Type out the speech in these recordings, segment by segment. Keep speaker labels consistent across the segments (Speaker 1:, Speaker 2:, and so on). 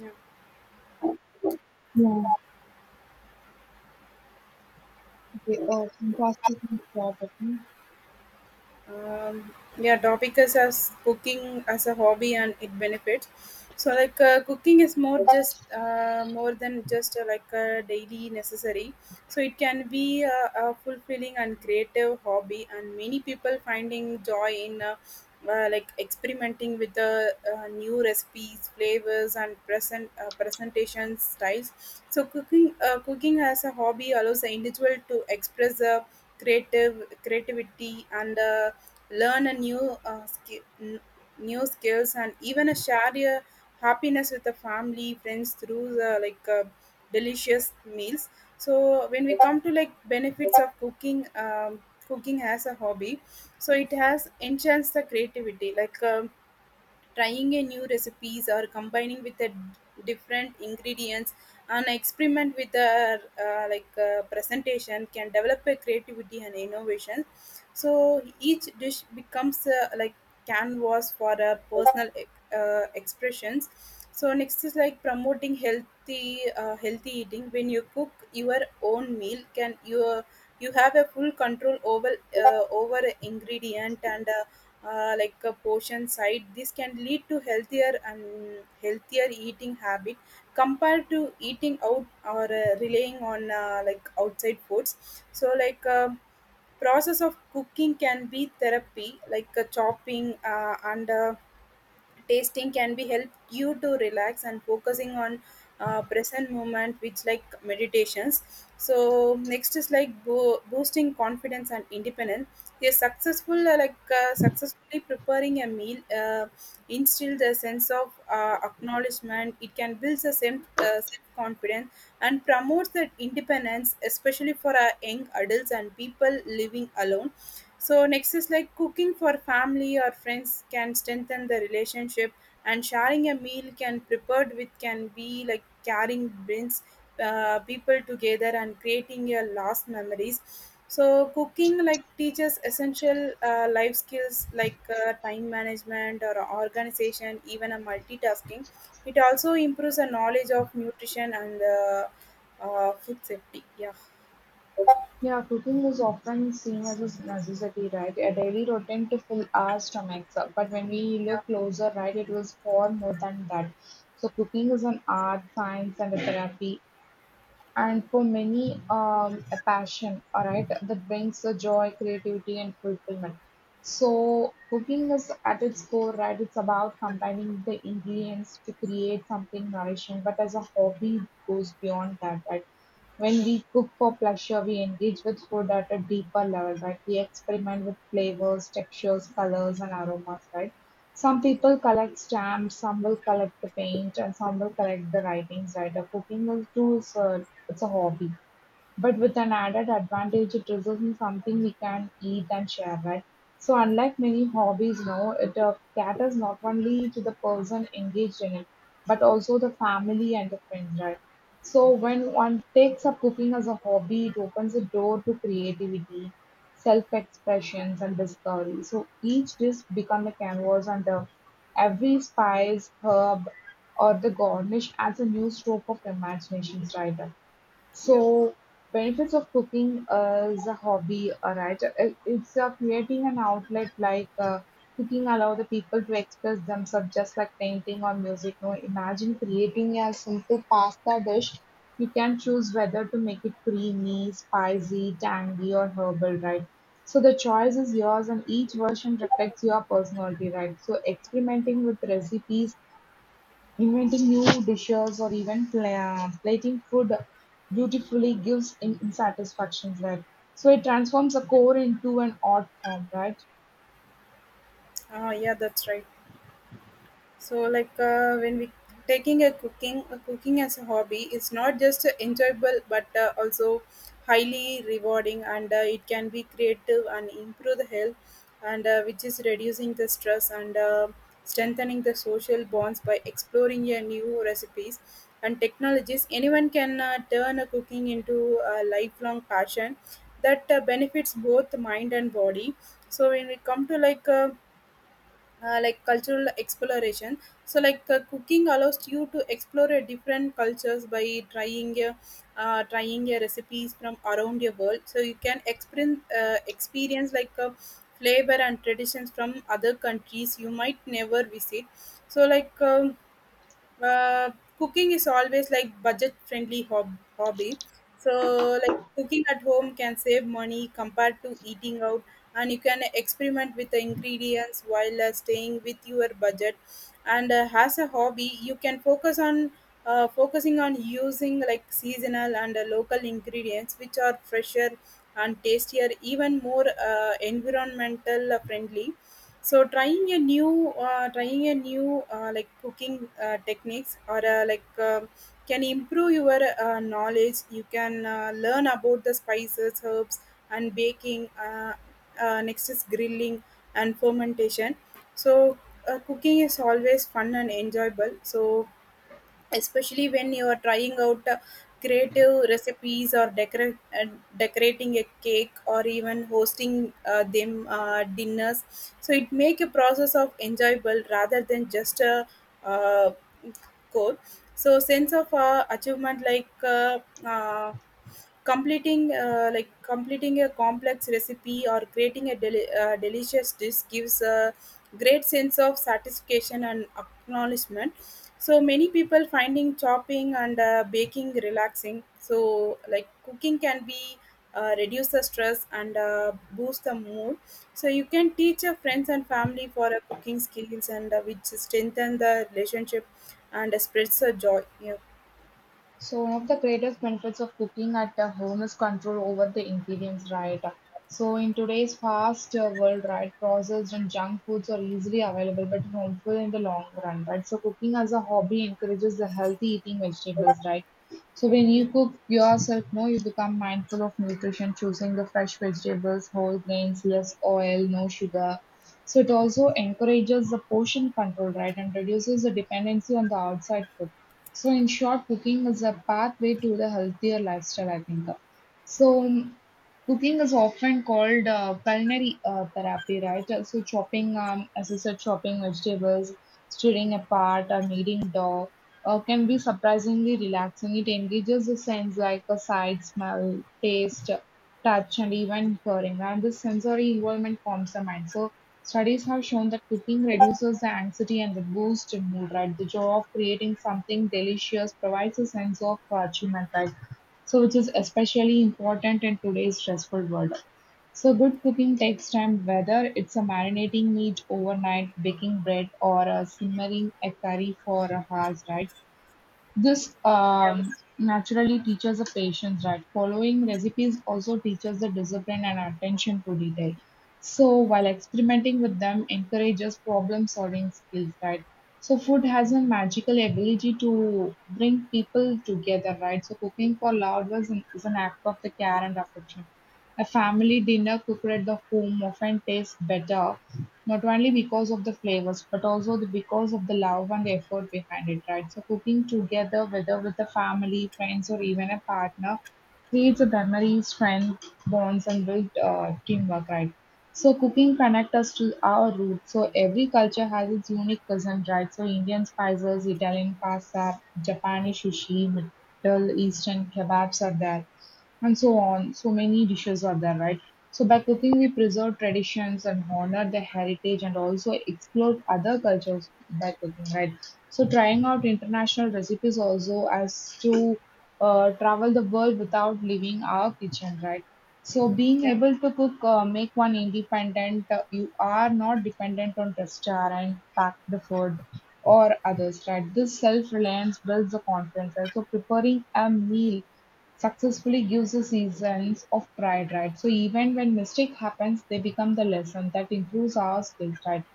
Speaker 1: Yeah.
Speaker 2: Yeah. Okay, fast we can start. Okay?
Speaker 1: um, yeah, topic is as cooking as a hobby and it benefits. So like cooking is more just more than just like a daily necessary, so it can be a fulfilling and creative hobby, and many people finding joy in like experimenting with the new recipes, flavors and presentation styles. So cooking as a hobby allows the individual to express the creative creativity and learn a new skills and even a share your happiness with the family friends through the delicious meals. So when we come to like benefits of cooking, cooking as a hobby, so it has enhanced the creativity, like trying a new recipes or combining with the different ingredients, and experiment with the like presentation can develop a creativity and innovation. So each dish becomes like canvas for personal expressions. So next is like promoting healthy eating. When you cook your own meal, can you, you have a full control over over ingredient and like a portion side. This can lead to healthier eating habit compared to eating out or relying on like outside foods. So like process of cooking can be therapy, like chopping and tasting can be help you to relax and focusing on present moment, which like meditations. So next is like boosting confidence and independence. A successfully preparing a meal instill the sense of acknowledgement, it can build the self confidence and promotes that independence, especially for our young adults and people living alone. So next is like cooking for family or friends can strengthen the relationship, and sharing a meal can prepared with can be like carrying brings people together and creating your lost memories. So cooking like teaches essential life skills, like time management or organization, even a multitasking. It also improves the knowledge of nutrition and food safety. Yeah,
Speaker 2: Yeah, cooking is often seen as a necessity, right? A daily routine to fill our stomachs up. But when we
Speaker 1: yeah,
Speaker 2: look closer, right, it was far more than that. So cooking is an art, science, and a therapy. And for many, a passion, all right, that brings the joy, creativity and fulfillment. So cooking is at its core, right? It's about combining the ingredients to create something nourishing, but as a hobby it goes beyond that, right? When
Speaker 1: yeah,
Speaker 2: we cook for pleasure, we engage with food at a deeper level, right? We experiment with flavors, textures, colors and aromas, right? Some people collect stamps, some will collect the paint, and some will collect the writings, right? Cooking is too. It's a hobby, but with an added advantage: it results in something we can eat and share, right? So unlike many hobbies, no, it caters not only to the person engaged in it, but also the family and the friends, right? So when one takes up cooking as a hobby, it opens a door to creativity, self-expressions and discovery. So each dish becomes a canvas, and every spice, herb or the garnish adds a new stroke of imaginations, right?
Speaker 1: yeah.
Speaker 2: So, benefits of cooking as a hobby, alright, it's creating an outlet. Like cooking allow the people to express themselves just like painting or music. No, imagine creating a simple pasta dish. You can choose whether to make it creamy, spicy, tangy, or herbal, right? So the choice is yours, and each version reflects your personality, right? So experimenting with recipes, inventing new dishes or even plating food beautifully gives him satisfaction, right? So it transforms a core into an art form, right?
Speaker 1: Ah, yeah, that's right. So like when we taking a cooking as a hobby, it's not just enjoyable but also highly rewarding, and it can be creative and improve the health, and which is reducing the stress and strengthening the social bonds. By exploring your new recipes and technologies, anyone can turn a cooking into a lifelong passion that benefits both mind and body. So when we come to like cultural exploration, so like cooking allows you to explore a different cultures by trying your recipes from around your world, so you can experience like a flavor and traditions from other countries you might never visit. So like uh, cooking is always like budget friendly hobby. So like cooking at home can save money compared to eating out, and you can experiment with the ingredients while staying with your budget. And as a hobby, you can focus on focusing on using like seasonal and local ingredients, which are fresher and tastier, even more environmental friendly. So trying a new like cooking techniques or can improve your knowledge. You can learn about the spices, herbs and baking. Next is grilling and fermentation. So cooking is always fun and enjoyable, so especially when you are trying out creative recipes or decorating a cake or even hosting them dinners. So it make a process of enjoyable rather than just a uh, code. So sense of achievement, like uh, completing completing a complex recipe or creating a delicious dish gives a great sense of satisfaction and acknowledgement. So many people finding chopping and baking relaxing. So like cooking can be reduce the stress and boost the mood. So you can teach your friends and family for cooking skills, and which strengthen the relationship and spreads the joy. Yeah.
Speaker 2: So one of the greatest benefits of cooking at the home is control over the ingredients, right? So in today's fast world, right, processed and junk foods are easily available but harmful in the long run, right? So cooking as a hobby encourages the healthy eating vegetables, right? So when
Speaker 1: Yeah.
Speaker 2: you cook yourself, no, you become mindful of nutrition, choosing the fresh vegetables, whole grains, less oil, no sugar. So it also encourages the portion control, right, and reduces the dependency on the outside food. So in short, cooking is a pathway to the healthier lifestyle, I think. So cooking is often called culinary therapy, right? So chopping, as I said, chopping vegetables, stirring apart, or kneading dough can be surprisingly relaxing. It engages the sense like a sight, smell, taste, touch, and even hearing. And this sensory involvement calms the mind. So studies have shown that cooking reduces the anxiety and the boost in mood, right? The joy of creating something delicious provides a sense of achievement, right? So, which is especially important in today's stressful world. So, good cooking takes time, whether it's a marinating meat overnight, baking bread, or a simmering a curry for hours, right? This
Speaker 1: Yeah.
Speaker 2: naturally teaches the patience, right? Following recipes also teaches the discipline and attention to detail. So while experimenting with them encourages problem solving skills, right? So food has a magical ability to bring people together, right? So cooking for loved ones is an act of the care and affection. A family dinner cooked at the home often tastes better, not only because of the flavors, but also because of the love and effort behind it, right? So, cooking together, whether with the family, friends, or even a partner, creates a memory, strength, bonds, and build teamwork, right? So, cooking connects us to our roots. So, every culture has its unique cuisine, right? So, Indian spices, Italian pasta, Japanese sushi, Middle Eastern kebabs are there, and so on. So many dishes are there, right? So by cooking, we preserve traditions and honor the heritage and also explore other cultures by cooking, right? So trying out international recipes also as to travel the world without leaving our kitchen, right? So being
Speaker 1: Yeah.
Speaker 2: able to cook, make one independent. You are not dependent on restaurant, packed the food or others, right? This self-reliance builds the confidence, right? So preparing a meal successfully gives the seasons of pride, right? So even when mistake happens, they become the lesson that improves our skills, right?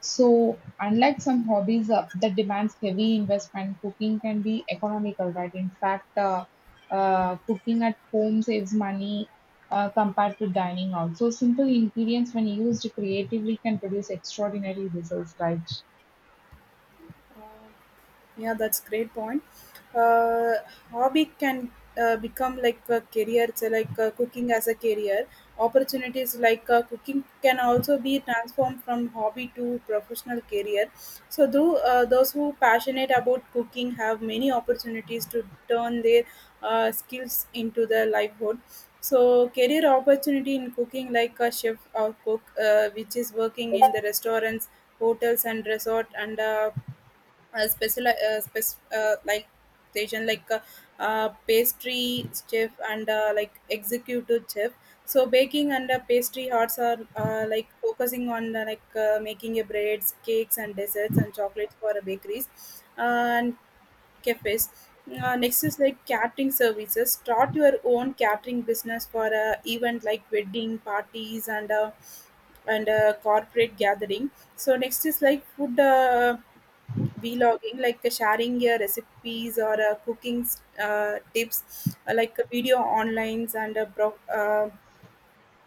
Speaker 2: So unlike some hobbies that demands heavy investment, cooking can be economical, right? In fact, cooking at home saves money compared to dining out. So simple ingredients, when used creatively, can produce extraordinary results, right?
Speaker 1: Yeah, that's great point. Uh, Hobby can become like a career, so like cooking as a career. Opportunities like cooking can also be transformed from hobby to professional career. So, though those who passionate about cooking have many opportunities to turn their skills into their livelihood. So, career opportunity in cooking, like a chef or cook, which is working in the restaurants, hotels, and resort, and special like station, like pastry chef and like executive chef. So baking and pastry arts are like focusing on making a breads, cakes and desserts and chocolates for bakeries and cafes. Next is like catering services. Start your own catering business for event like wedding parties and corporate gathering. So next is like food vlogging, like sharing your recipes or cooking tips, video onlines, and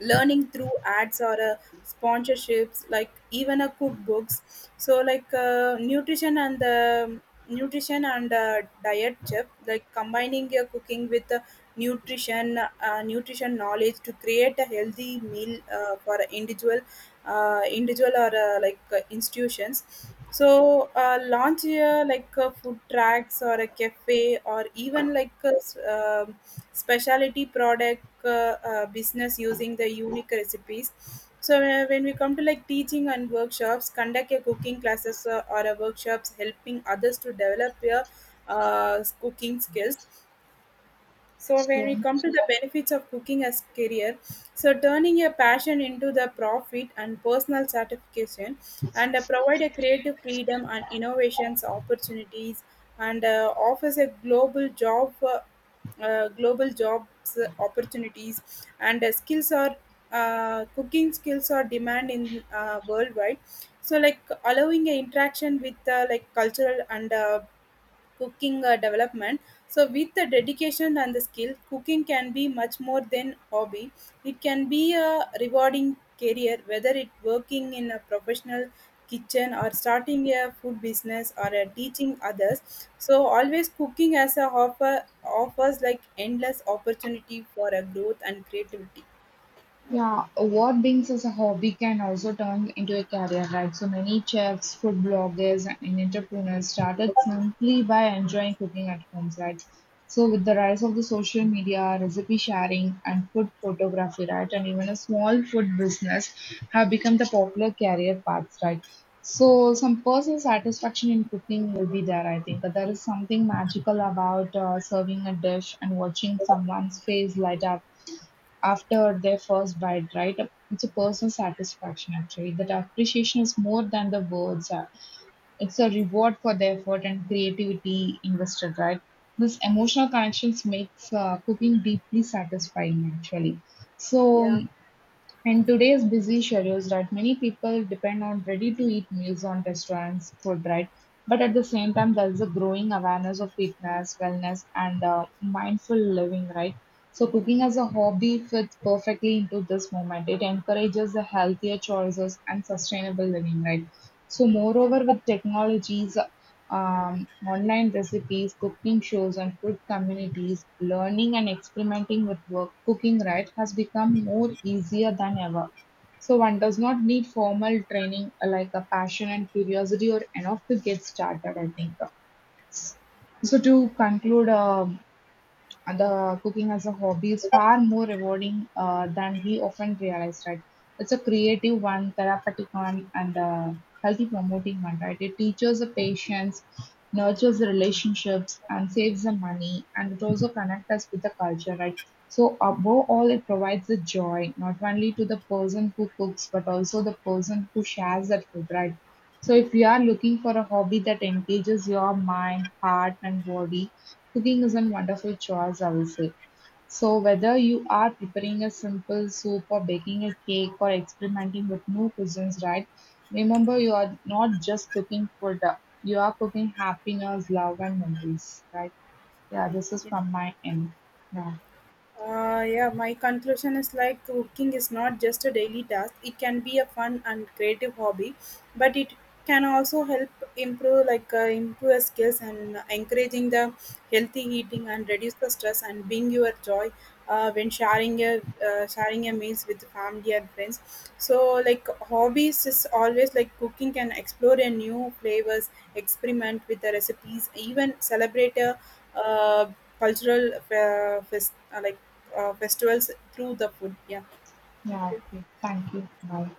Speaker 1: learning through ads or sponsorships, like even a cookbooks. So like nutrition and diet chef, like combining your cooking with nutrition knowledge to create a healthy meal for an individual or institutions. So launch a like a food tracks or a cafe, or even like a specialty product business using the unique recipes. So when we come to like teaching and workshops, conduct a cooking classes or a workshops, helping others to develop your cooking skills. So when we
Speaker 2: So
Speaker 1: come to the benefits of cooking as career, so turning your passion into the profit and personal satisfaction, and provide a creative freedom and innovations opportunities, and offers a global jobs opportunities, and skills are cooking skills are demand in worldwide. So like allowing an interaction with like cultural and cooking development. So with the dedication and the skill, cooking can be much more than hobby. It can be a rewarding career, whether it working in a professional kitchen or starting a food business or teaching others. So always cooking as a offers like endless opportunity for a growth and creativity.
Speaker 2: yeah, what brings as a hobby can also turn into a career, right? So many chefs, food bloggers, and entrepreneurs started simply by enjoying cooking at home, right? So with the rise of the social media, recipe sharing, and food photography, right, and even a small food business have become the popular career paths, right? So some personal satisfaction in cooking will be there, I think. But there is something magical about serving a dish and watching someone's face light up after their first bite, right? It's a personal satisfaction actually. That appreciation is more than the words are. It's a reward for the effort and creativity invested, right? This emotional connections makes cooking deeply satisfying actually. So
Speaker 1: Yeah.
Speaker 2: in today's busy schedules, right, many people depend on ready-to-eat meals on restaurants food, right? But at the same time, there is a growing awareness of fitness, wellness, and mindful living, right? So cooking as a hobby fits perfectly into this moment. It encourages the healthier choices and sustainable living, right? So
Speaker 1: Yeah.
Speaker 2: moreover, with technologies, online recipes, cooking shows, and food communities, learning and experimenting with work, cooking right has become more easier than ever. So one does not need formal training, like a passion and curiosity or enough to get started, I think. So to conclude, and the cooking as a hobby is far more rewarding than we often realize, right? It's a creative one, therapeutic one, and healthy promoting one, right? It teaches the patience, nurtures the relationships, and saves the money, and it also connects us with the culture, right? So above all, it provides the joy not only to the person who cooks, but also the person who shares that food, right? So if you are looking for a hobby that engages your mind, heart, and body, cooking is a wonderful choice, I will say. So, whether you are preparing a simple soup or baking a cake or experimenting with new cuisines, right? Remember, you are not just cooking food, you are cooking happiness, love, and memories, right? Yeah, this is from my end. Yeah,
Speaker 1: Yeah, my conclusion is like cooking is not just a daily task. It can be a fun and creative hobby, but it can also help improve, like improve your skills and encouraging the healthy eating, and reduce the stress and bring your joy when sharing your meals with family and friends. So like hobbies is always like cooking can explore a new flavors, experiment with the recipes, even celebrate a uh, cultural festivals through the food. Yeah.
Speaker 2: yeah.
Speaker 1: Okay.
Speaker 2: okay. Thank you. Bye.